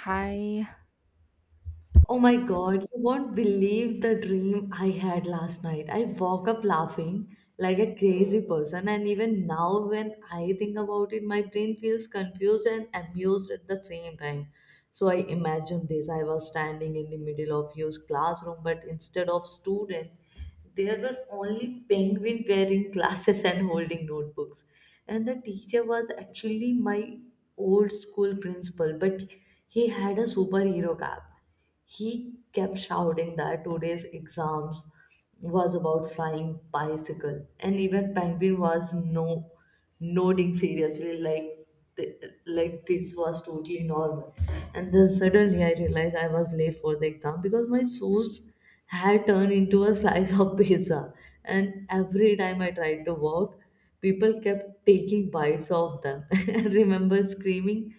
Hi. Oh my God, you won't believe the dream I had last night. I woke up laughing like a crazy person, and even now, when I think about it, my brain feels confused and amused at the same time. So I imagine this I was standing in the middle of your classroom, but instead of student, there were only penguin wearing glasses and holding notebooks. And the teacher was actually my old school principal, but he had a superhero cap he kept shouting that today's exams was about flying bicycle, and even Penguin was no nodding seriously like like this was totally normal. And then suddenly I realized I was late for the exam because my shoes had turned into a slice of pizza, and every time I tried to walk, people kept taking bites of them. I remember screaming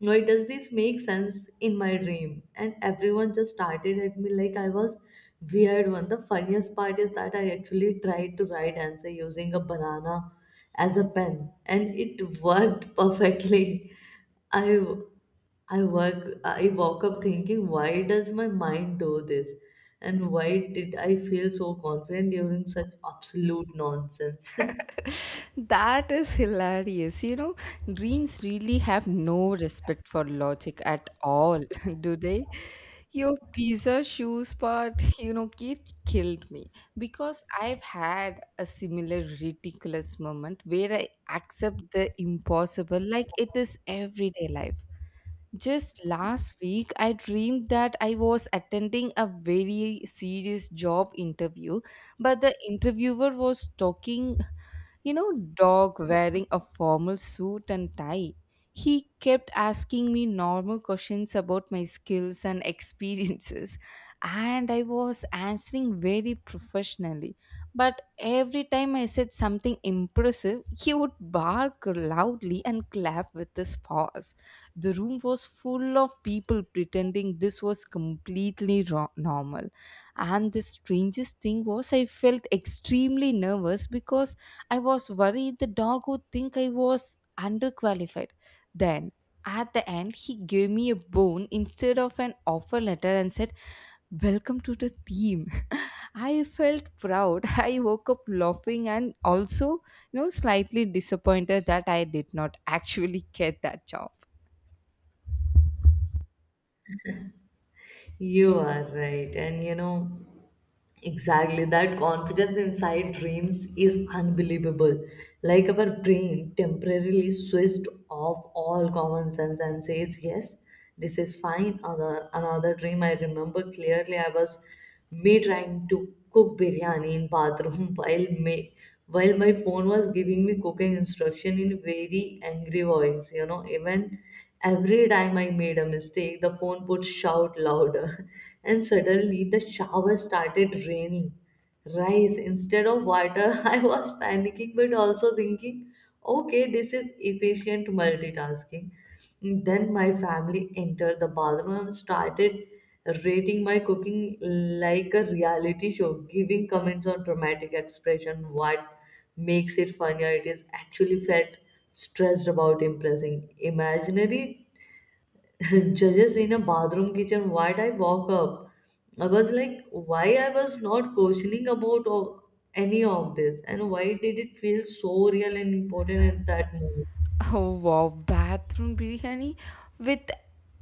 why does this make sense in my dream? And everyone just started at me like I was weird one. The funniest part is that I actually tried to write answer using a banana as a pen, and it worked perfectly. I I work I woke up thinking, why does my mind do this? And why did I feel so confident during such absolute nonsense? That is hilarious. Dreams really have no respect for logic at all, do they? Your pizza shoes part, it killed me because I've had a similar ridiculous moment where I accept the impossible like it is everyday life. Just last week, I dreamed that I was attending a very serious job interview, but the interviewer was talking dog wearing a formal suit and tie. He kept asking me normal questions about my skills and experiences, and I was answering very professionally. But every time I said something impressive, he would bark loudly and clap with his paws. The room was full of people pretending this was completely normal. And the strangest thing was, I felt extremely nervous because I was worried the dog would think I was underqualified. Then, at the end, he gave me a bone instead of an offer letter and said, "Welcome to the team." I felt proud. I woke up laughing and also, slightly disappointed that I did not actually get that job. You are right, and you know. Exactly, that confidence inside dreams is unbelievable. Like our brain temporarily switched off all common sense and says, Yes, this is fine. Another dream I remember clearly I was me trying to cook biryani in bathroom while my phone was giving me cooking instruction in very angry voice. You know, even every time I made a mistake, the phone would shout louder, and suddenly the shower started raining rice instead of water. I was panicking but also thinking, okay, this is efficient multitasking. Then my family entered the bathroom and started rating my cooking like a reality show, giving comments on dramatic expression, what makes it funnier. It is actually felt stressed about impressing imaginary judges in a bathroom kitchen. Why did I walk up? I was like why I was not questioning about any of this and why did it feel so real and important at that moment. Oh wow, bathroom biryani with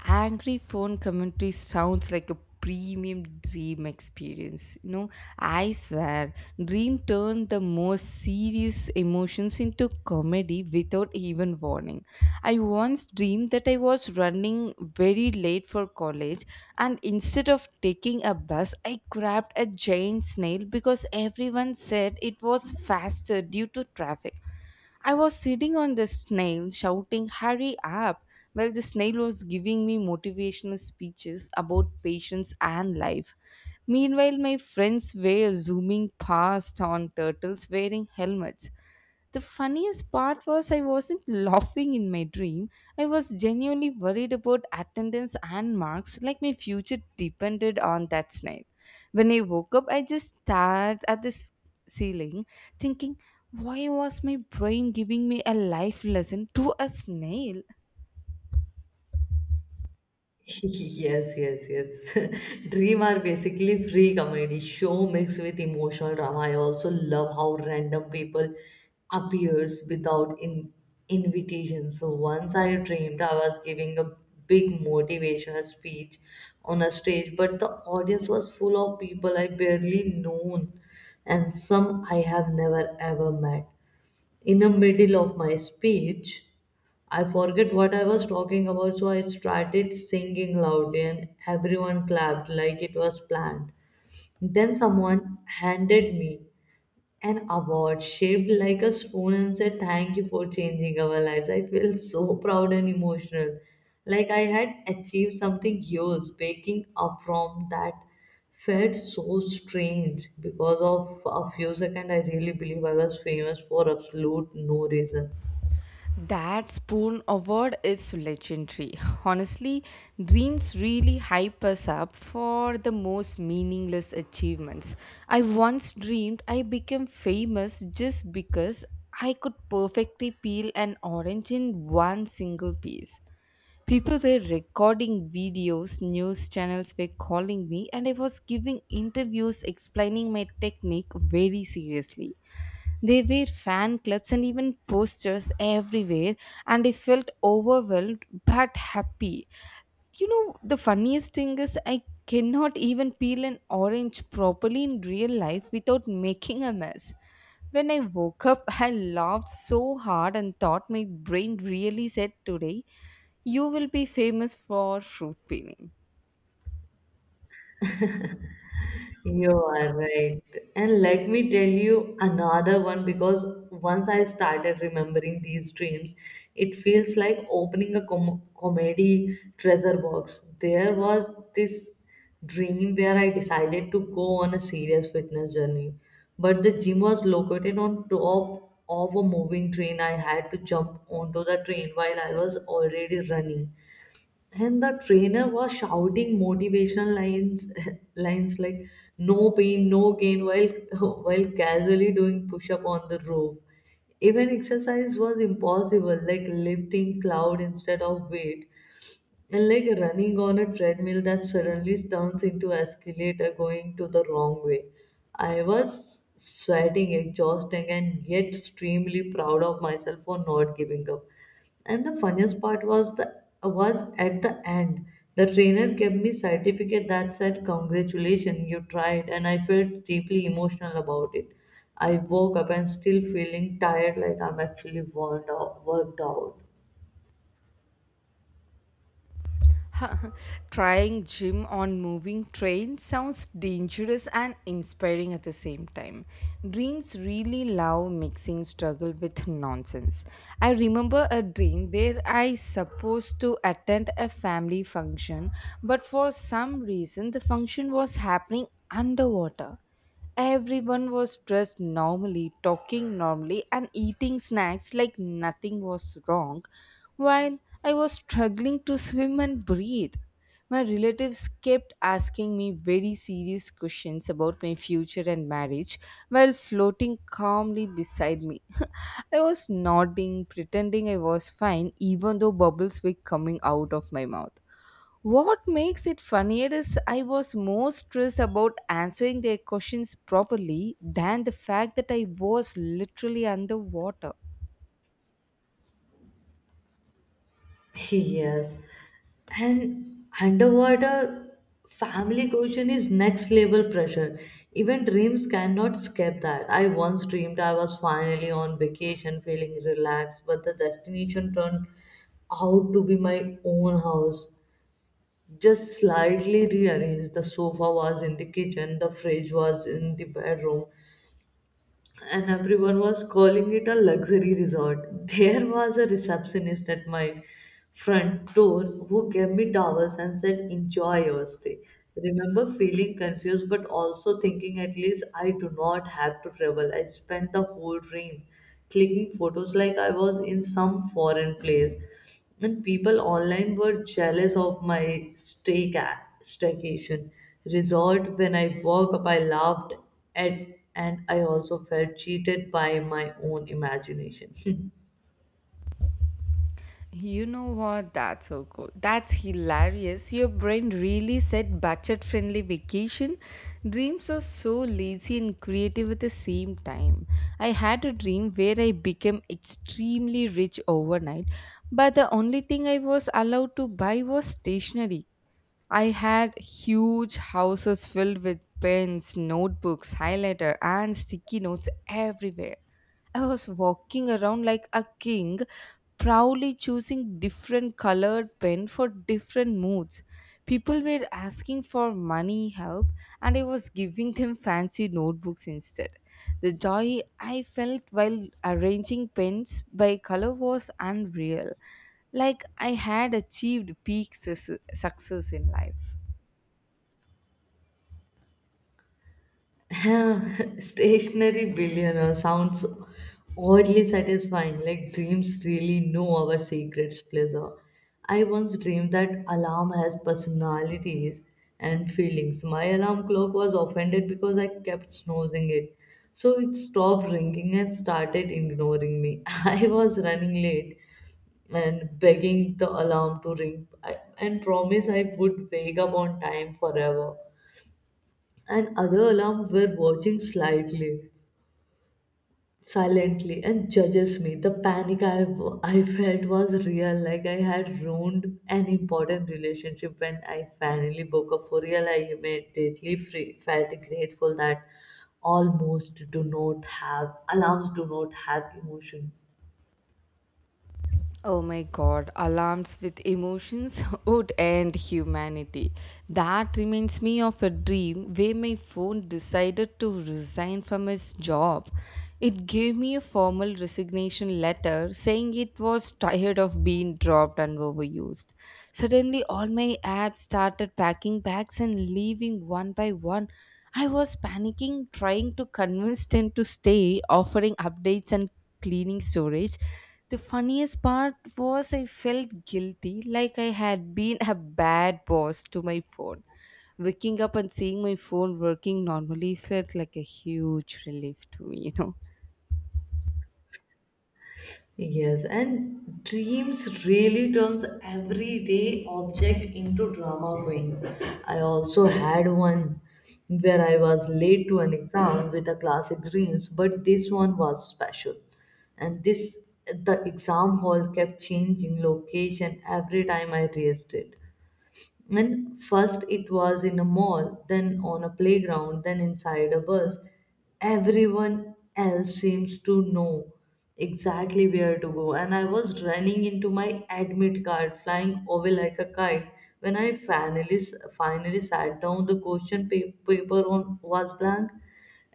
angry phone commentary sounds like a premium dream experience. I swear, dream turned the most serious emotions into comedy without even warning. I once dreamed that I was running very late for college, and instead of taking a bus, I grabbed a giant snail because everyone said it was faster due to traffic. I was sitting on the snail shouting, "Hurry up!" while the snail was giving me motivational speeches about patience and life. Meanwhile, my friends were zooming past on turtles wearing helmets. The funniest part was I wasn't laughing in my dream. I was genuinely worried about attendance and marks, like my future depended on that snail. When I woke up, I just stared at this ceiling, thinking, why was my brain giving me a life lesson to a snail? Yes, yes, yes. Dream are basically free comedy show mixed with emotional drama. I also love how random people appears without in invitation. So once I dreamed I was giving a big motivational speech on a stage, but the audience was full of people I barely known and some I have never ever met in the middle of my speech, I forget what I was talking about, so I started singing loudly, and everyone clapped like it was planned. Then someone handed me an award shaped like a spoon and said thank you for changing our lives. I felt so proud and emotional like I had achieved something huge. Waking up from that felt so strange because of a few seconds I really believe I was famous for absolute no reason. That spoon award is legendary. Honestly, dreams really hype us up for the most meaningless achievements. I once dreamed I became famous just because I could perfectly peel an orange in one single piece. People were recording videos, news channels were calling me, and I was giving interviews explaining my technique very seriously. They were fan clubs and even posters everywhere, and I felt overwhelmed but happy. The funniest thing is, I cannot even peel an orange properly in real life without making a mess. When I woke up, I laughed so hard and thought my brain really said today, "You will be famous for fruit peeling." You are right. And let me tell you another one because once I started remembering these dreams, it feels like opening a comedy treasure box. There was this dream where I decided to go on a serious fitness journey, but the gym was located on top of a moving train. I had to jump onto the train while I was already running and the trainer was shouting motivational lines lines like no pain no gain while while casually doing push up on the rope. Even exercise was impossible like lifting cloud instead of weight, and like running on a treadmill that suddenly turns into escalator going to the wrong way. I was sweating, exhausting, and yet extremely proud of myself for not giving up. And the funniest part was at the end. The trainer gave me certificate that said, Congratulations, you tried, and I felt deeply emotional about it. I woke up and still feeling tired like I'm actually worn out, worked out. Trying gym on moving train sounds dangerous and inspiring at the same time. Dreams really love mixing struggle with nonsense. I remember a dream where I supposed to attend a family function, but for some reason the function was happening underwater. Everyone was dressed normally, talking normally, and eating snacks like nothing was wrong, while I was struggling to swim and breathe. My relatives kept asking me very serious questions about my future and marriage while floating calmly beside me. I was nodding, pretending I was fine, even though bubbles were coming out of my mouth. What makes it funnier is I was more stressed about answering their questions properly than the fact that I was literally underwater. Yes, and underwater family cohesion is next level pressure. Even dreams cannot escape that. I once dreamed I was finally on vacation, feeling relaxed, but the destination turned out to be my own house. Just slightly rearranged. The sofa was in the kitchen, the fridge was in the bedroom, and everyone was calling it a luxury resort. There was a receptionist at my front door who gave me towels and said, Enjoy your stay. Remember feeling confused but also thinking at least I do not have to travel. I spent the whole dream clicking photos like I was in some foreign place and people online were jealous of my stay ca- staycation resort. When I woke up I laughed at, and I also felt cheated by my own imagination. You know what? That's so cool. That's hilarious. Your brain really said budget friendly vacation. Dreams are so lazy and creative at the same time. I had a dream where I became extremely rich overnight, but the only thing I was allowed to buy was stationery. I had huge houses filled with pens, notebooks, highlighter, and sticky notes everywhere. I was walking around like a king, proudly choosing different colored pen for different moods. People were asking for money help, and I was giving them fancy notebooks instead. The joy I felt while arranging pens by color was unreal, like I had achieved peak success in life. Stationary billionaire sounds oddly satisfying, like dreams really know our secrets pleasure. I once dreamed that alarm has personalities and feelings. My alarm clock was offended because I kept snoozing it. So it stopped ringing and started ignoring me. I was running late and begging the alarm to and promise I would wake up on time forever, and other alarm were watching slightly silently and judges me. The panic I felt was real like I had ruined an important relationship. When I finally woke up for real I felt grateful that almost do not have alarms do not have emotion. Oh my god, alarms with emotions would end humanity. That reminds me of a dream where my phone decided to resign from its job. It gave me a formal resignation letter saying it was tired of being dropped and overused. Suddenly, all my apps started packing bags and leaving one by one. I was panicking, trying to convince them to stay, offering updates and cleaning storage. The funniest part was I felt guilty, like I had been a bad boss to my phone. Waking up and seeing my phone working normally felt like a huge relief to me. Yes, and dreams really turns everyday object into drama queens. I also had one where I was late to an exam with a classic dreams, but this one was special. And this the exam hall kept changing location every time I raised it. And first it was in a mall, then on a playground, then inside a bus. Everyone else seems to know exactly where to go. And I was running into my admit card, flying away like a kite. When I finally sat down, the paper on was blank,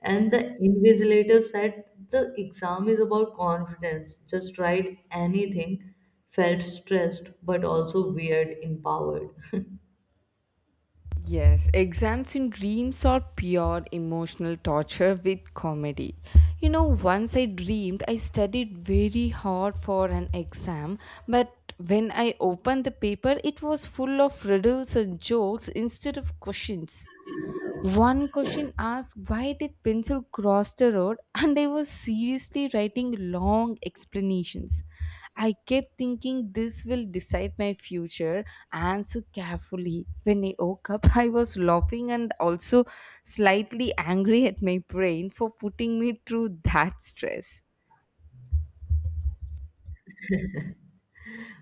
and the invigilator said the exam is about confidence. Just write anything. Felt stressed, but also weird, empowered. Yes, exams in dreams are pure emotional torture with comedy. Once I dreamed I studied very hard for an exam, but when I opened the paper, it was full of riddles and jokes instead of questions. One question asked why did pencil cross the road, and I was seriously writing long explanations. I kept thinking this will decide my future. Answer carefully. When I woke up, I was laughing and also slightly angry at my brain for putting me through that stress.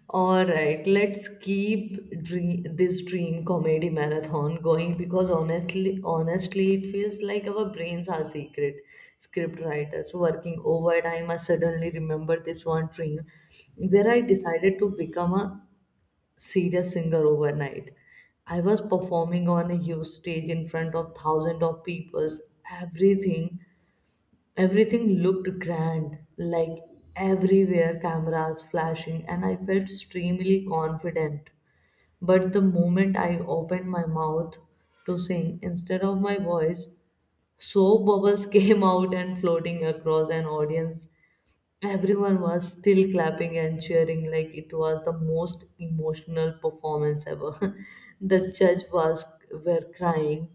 All right, this dream comedy marathon going because honestly, it feels like our brains are secret script writers working overtime. I suddenly remember this one dream where I decided to become a serious singer overnight. I was performing on a huge stage in front of thousands of people. Everything Everything looked grand, like everywhere cameras flashing, and I felt extremely confident. But the moment I opened my mouth to sing, instead of my voice, soap bubbles came out and floating across an audience. Everyone was still clapping and cheering like it was the most emotional performance ever. the judge was were crying,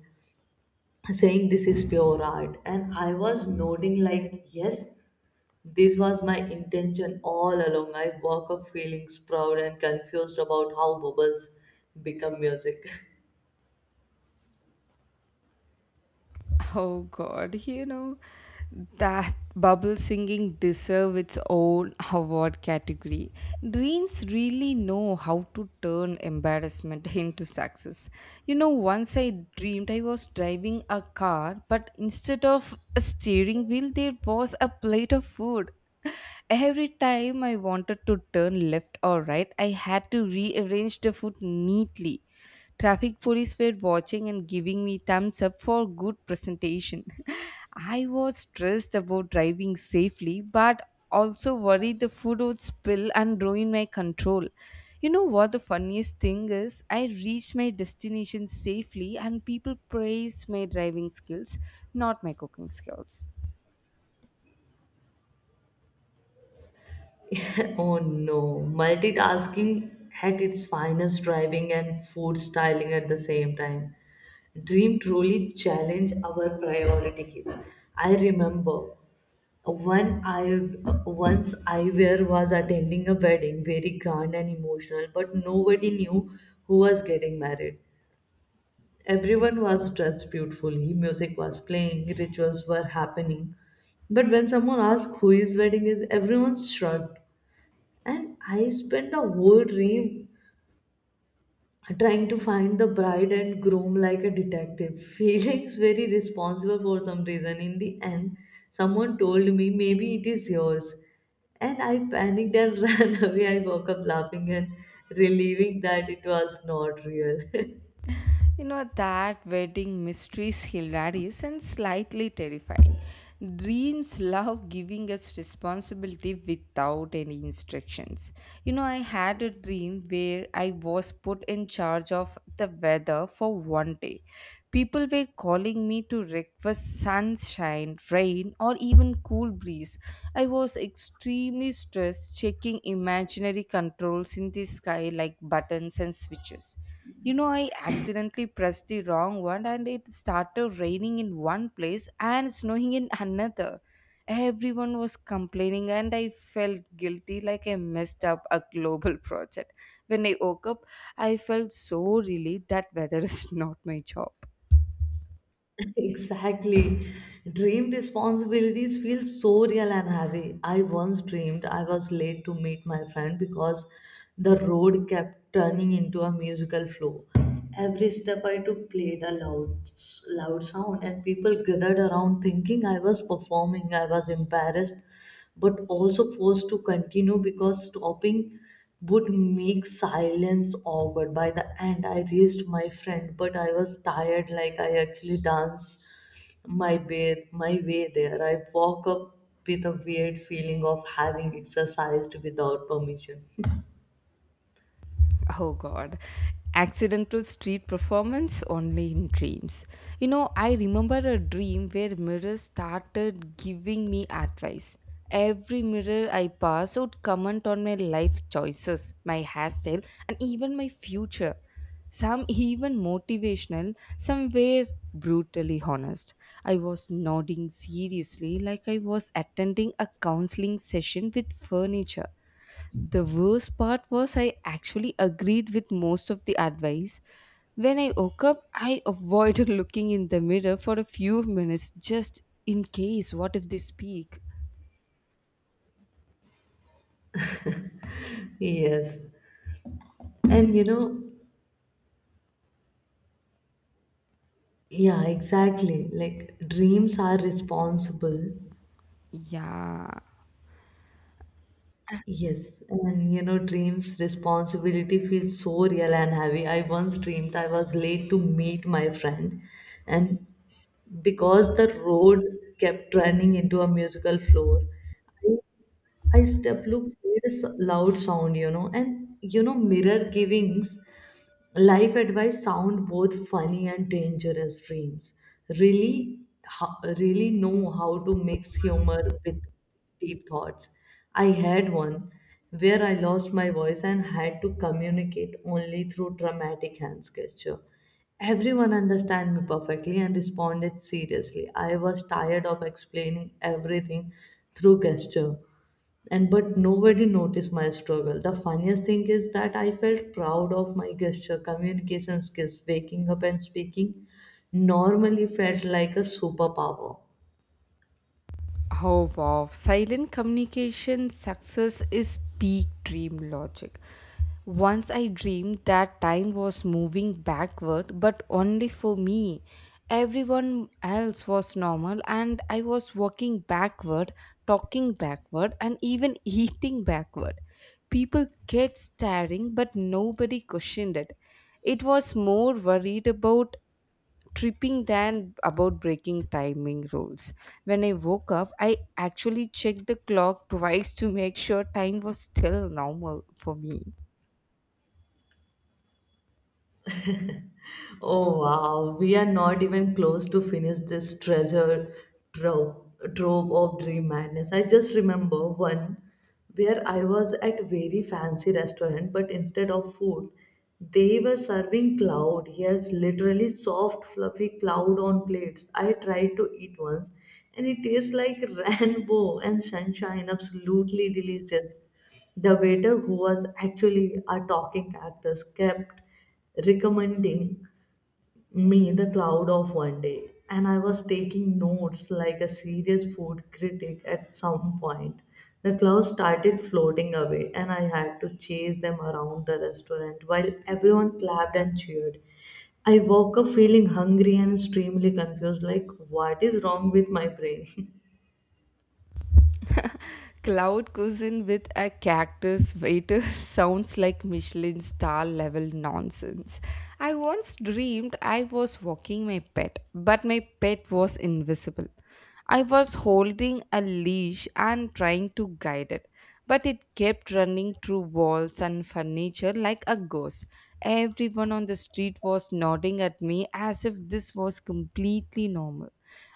saying this is pure art, and I was nodding like yes this was my intention all along. I woke up feeling proud and confused about how bubbles become music. Oh God, that bubble singing deserve its own award category. Dreams really know how to turn embarrassment into success. Once I dreamed I was driving a car, but instead of a steering wheel, there was a plate of food. Every time I wanted to turn left or right, I had to rearrange the food neatly. Traffic police were watching and giving me thumbs up for good presentation. I was stressed about driving safely, but also worried the food would spill and ruin my control. You know what the funniest thing is? I reached my destination safely, and people praised my driving skills, not my cooking skills. Oh no, multitasking at its finest, driving and food styling at the same time. Dream truly challenge our priorities. I remember one I once I were was attending a wedding, very grand and emotional, but nobody knew who was getting married. Everyone was dressed beautifully, music was playing, rituals were happening. But when someone asked who his wedding is, everyone shrugged. And I spent the whole dream trying to find the bride and groom like a detective, feeling very responsible for some reason. In the end, someone told me maybe it is yours. And I panicked and ran away. I woke up laughing and relieving that it was not real. That wedding mysteries hilarious and slightly terrifying. Dreams love giving us responsibility without any instructions. I had a dream where I was put in charge of the weather for one day. People were calling me to request sunshine, rain, or even cool breeze. I was extremely stressed checking imaginary controls in the sky like buttons and switches. I accidentally pressed the wrong one, and it started raining in one place and snowing in another. Everyone was complaining, and I felt guilty, like I messed up a global project. When I woke up, I felt so relieved that weather is not my job. Exactly. Dream responsibilities feel so real and heavy. I once dreamed I was late to meet my friend because the road kept turning into a musical flow. Every step I took played a loud sound, and people gathered around thinking I was performing. I was embarrassed but also forced to continue because stopping would make silence awkward. By the end, I raised my friend, but I was tired, like I actually danced my way there. I woke up with a weird feeling of having exercised without permission. Oh god. Accidental street performance only in dreams. I remember a dream where mirrors started giving me advice. Every mirror I passed would comment on my life choices, my hairstyle, and even my future. Some even motivational, some were brutally honest. I was nodding seriously like I was attending a counseling session with furniture. The worst part was I actually agreed with most of the advice. When I woke up, I avoided looking in the mirror for a few minutes, just in case what if they speak. Yes. And you know, yeah, exactly. Like dreams are responsible. Yeah. Yes, and you know, dreams responsibility feels so real and heavy. I once dreamed I was late to meet my friend, and because the road kept running into a musical floor, I step look made a loud sound, mirror givings life advice sound both funny and dangerous. Dreams really really know how to mix humor with deep thoughts. I had one where I lost my voice and had to communicate only through dramatic hand gesture. Everyone understand me perfectly and responded seriously. I was tired of explaining everything through gesture and but nobody noticed my struggle. The funniest thing is that I felt proud of my gesture communication skills. Waking up and speaking normally felt like a superpower. How wow. Silent communication success is peak dream logic. Once I dreamed that time was moving backward, but only for me. Everyone else was normal, and I was walking backward, talking backward, and even eating backward. People kept staring, but nobody questioned it. It was more worried about tripping than about breaking timing rules. When I woke up, I actually checked the clock twice to make sure time was still normal for me. Oh wow, we are not even close to finish this treasure trove, trove of dream madness. I just remember one where I was at very fancy restaurant, but instead of food, they were serving cloud. Yes, literally soft, fluffy cloud on plates. I tried to eat once, and it tastes like rainbow and sunshine. Absolutely delicious. The waiter, who was actually a talking cactus, kept recommending me, the cloud of one day. And I was taking notes like a serious food critic at some point. The clouds started floating away, and I had to chase them around the restaurant while everyone clapped and cheered. I woke up feeling hungry and extremely confused like, what is wrong with my brain? Cloud cuisine with a cactus waiter sounds like Michelin star level nonsense. I once dreamed I was walking my pet, but my pet was invisible. I was holding a leash and trying to guide it, but it kept running through walls and furniture like a ghost. Everyone on the street was nodding at me as if this was completely normal,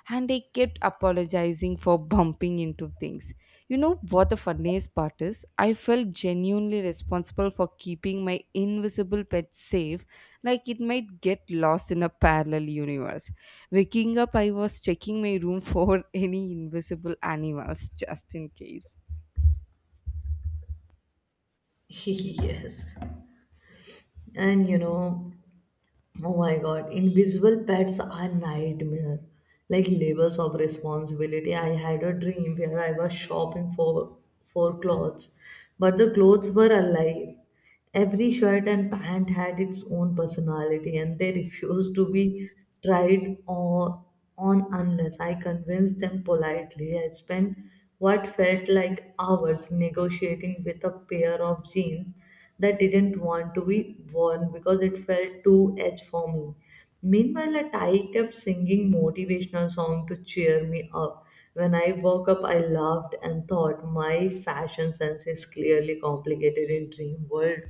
and I kept apologizing for bumping into things. You know what the funniest part is? I felt genuinely responsible for keeping my invisible pet safe, like it might get lost in a parallel universe. Waking up, I was checking my room for any invisible animals, just in case. Yes. And you know, Oh my god, invisible pets are nightmare. Like levels of responsibility. I had a dream where I was shopping for clothes, but the clothes were alive. Every shirt and pant had its own personality and they refused to be tried or on unless I convinced them politely. I spent what felt like hours negotiating with a pair of jeans that didn't want to be worn because it felt too edge for me. Meanwhile, a Thai kept singing motivational song to cheer me up. When I woke up, I laughed and thought my fashion sense is clearly complicated in dream world.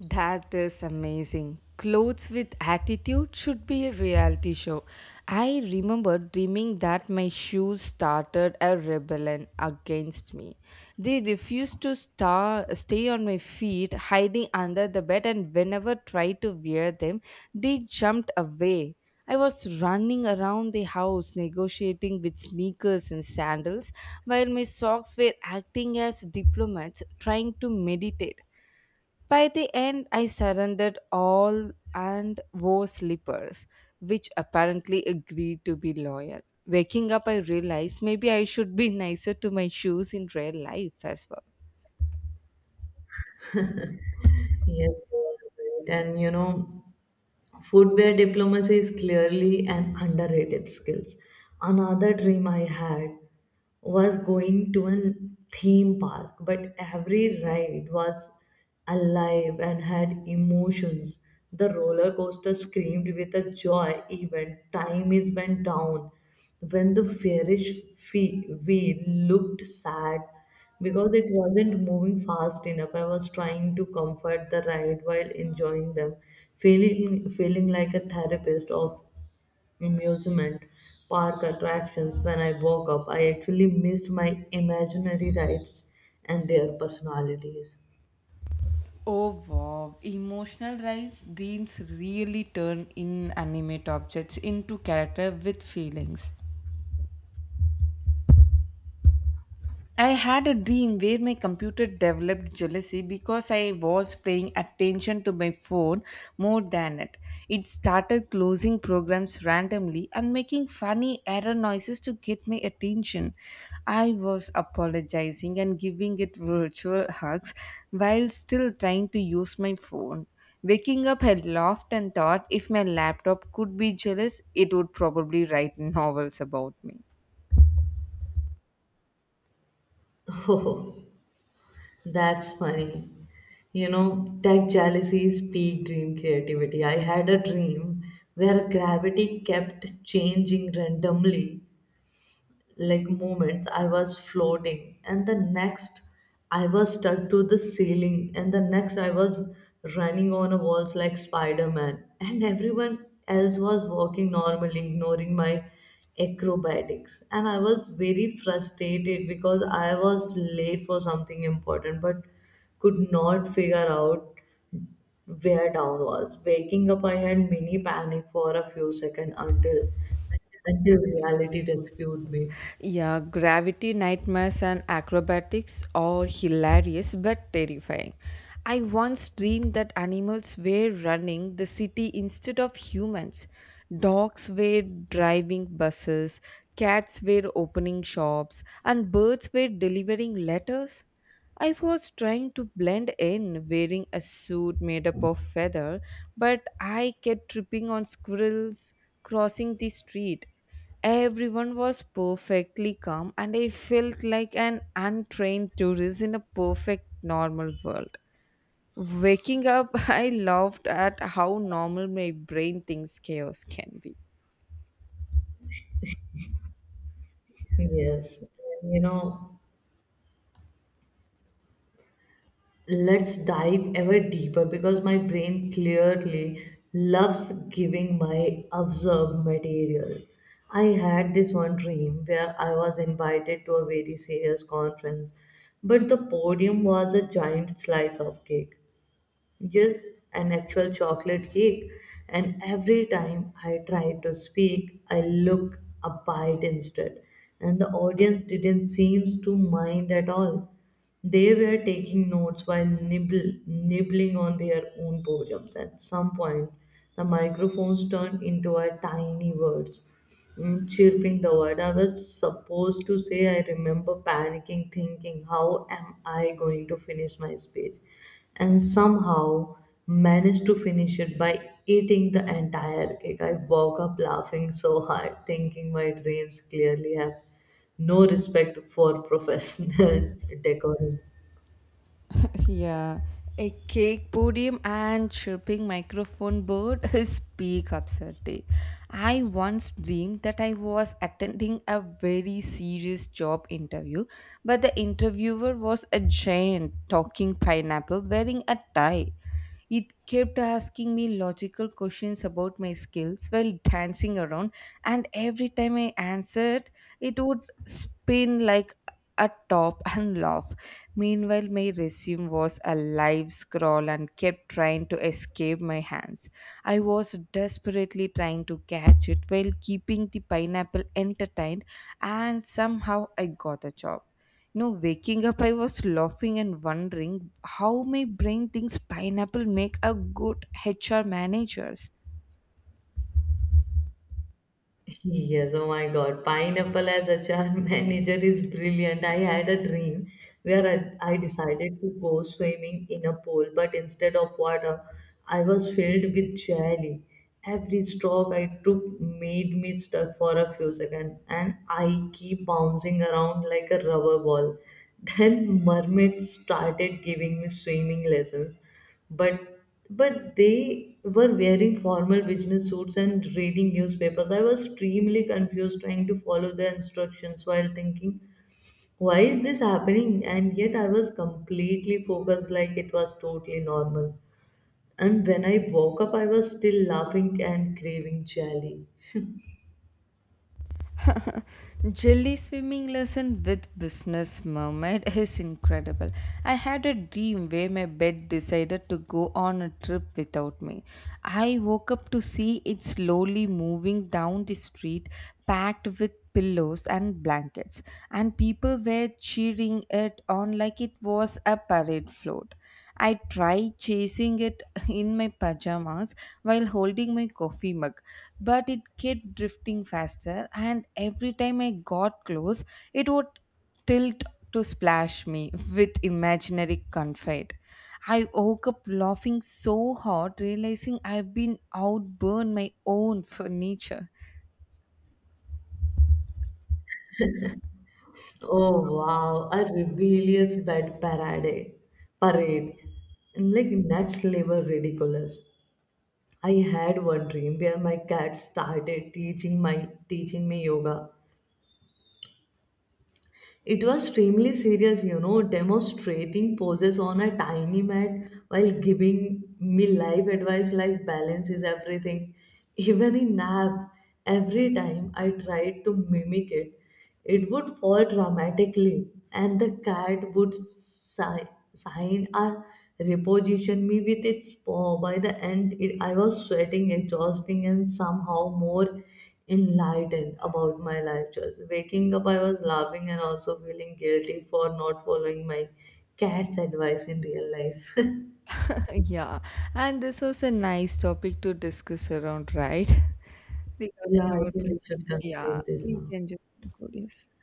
That is amazing. Clothes with attitude should be a reality show. I remember dreaming that my shoes started a rebellion against me. They refused to stay on my feet, hiding under the bed, and whenever tried to wear them, they jumped away. I was running around the house negotiating with sneakers and sandals while my socks were acting as diplomats trying to meditate. By the end, I surrendered all and wore slippers, which apparently agreed to be loyal. Waking up, I realized maybe I should be nicer to my shoes in real life as well. Yes, you are right. and you know. Footwear diplomacy is clearly an underrated skill. Another dream I had was going to a theme park, but every ride was alive and had emotions. The roller coaster screamed with a joy even time is went down. When the fairy wheel looked sad because it wasn't moving fast enough. I was trying to comfort the ride while enjoying them, feeling like a therapist of amusement park attractions. When I woke up, I actually missed my imaginary rides and their personalities. Oh wow, emotional rise dreams really turn inanimate objects into character with feelings. I had a dream where my computer developed jealousy because I was paying attention to my phone more than it. It started closing programs randomly and making funny error noises to get my attention. I was apologizing and giving it virtual hugs while still trying to use my phone. Waking up, I laughed and thought if my laptop could be jealous, it would probably write novels about me. Oh, that's funny. You know, tech jealousy is peak dream creativity. I had a dream where gravity kept changing randomly, like moments I was floating and the next I was stuck to the ceiling and the next I was running on a walls like Spider-Man, and everyone else was walking normally, ignoring my acrobatics. And I was very frustrated because I was late for something important but could not figure out where down was. Waking up, I had mini panic for a few seconds until reality rescued me. Yeah, gravity nightmares and acrobatics are hilarious but terrifying. I once dreamed that animals were running the city instead of humans. Dogs were driving buses, cats were opening shops, and birds were delivering letters. I was trying to blend in wearing a suit made up of feather, but I kept tripping on squirrels crossing the street. Everyone was perfectly calm, and I felt like an untrained tourist in a perfect normal world. Waking up, I laughed at how normal my brain thinks chaos can be. Yes, you know, let's dive ever deeper because my brain clearly loves giving my observed material. I had this one dream where I was invited to a very serious conference, but the podium was a giant slice of cake. Yes, an actual chocolate cake. And every time I tried to speak, I looked upbeat instead. And the audience didn't seem to mind at all. They were taking notes while nibbling on their own poems. At some point, the microphones turned into a tiny words, chirping the word I was supposed to say. I remember panicking, thinking, how am I going to finish my speech? And somehow managed to finish it by eating the entire cake. I woke up laughing so hard, thinking my dreams clearly have no respect for professional decorum. Yeah. A cake podium and chirping microphone bird is peak upset. I once dreamed that I was attending a very serious job interview, but the interviewer was a giant talking pineapple wearing a tie. It kept asking me logical questions about my skills while dancing around, and every time I answered, it would spin like a top and laugh. Meanwhile, my resume was a live scroll and kept trying to escape my hands. I was desperately trying to catch it while keeping the pineapple entertained, and somehow I got the job. No, waking up, I was laughing and wondering how my brain thinks pineapple make a good HR managers. Yes, oh my God. Pineapple as a HR manager is brilliant. I had a dream where I decided to go swimming in a pool, but instead of water, I was filled with jelly. Every stroke I took made me stuck for a few seconds, and I keep bouncing around like a rubber ball. Then mermaids started giving me swimming lessons, but but they were wearing formal business suits and reading newspapers. I was extremely confused, trying to follow their instructions while thinking, why is this happening? And yet I was completely focused, like it was totally normal. And when I woke up, I was still laughing and craving jelly. Jelly swimming lesson with business mermaid is incredible. I had a dream where my bed decided to go on a trip without me. I woke up to see it slowly moving down the street, packed with pillows and blankets, and people were cheering it on like it was a parade float. I tried chasing it in my pajamas while holding my coffee mug, but it kept drifting faster, and every time I got close, it would tilt to splash me with imaginary confide. I woke up laughing so hard, realizing I've been outburned my own furniture. Oh wow, a rebellious bed parade and like that's labor ridiculous. I had one dream where my cat started teaching my teaching me yoga. It was extremely serious, you know, demonstrating poses on a tiny mat while giving me life advice like balance is everything. Even in nap, every time I tried to mimic it, it would fall dramatically, and the cat would sign or reposition me with its paw. By the end, I was sweating, exhausting, and somehow more enlightened about my life choice. Waking up, I was laughing and also feeling guilty for not following my cat's advice in real life. Yeah, and this was a nice topic to discuss around, right? Yeah, Regarding I our, think we should yeah, conclude this we now. can just conclude, yes.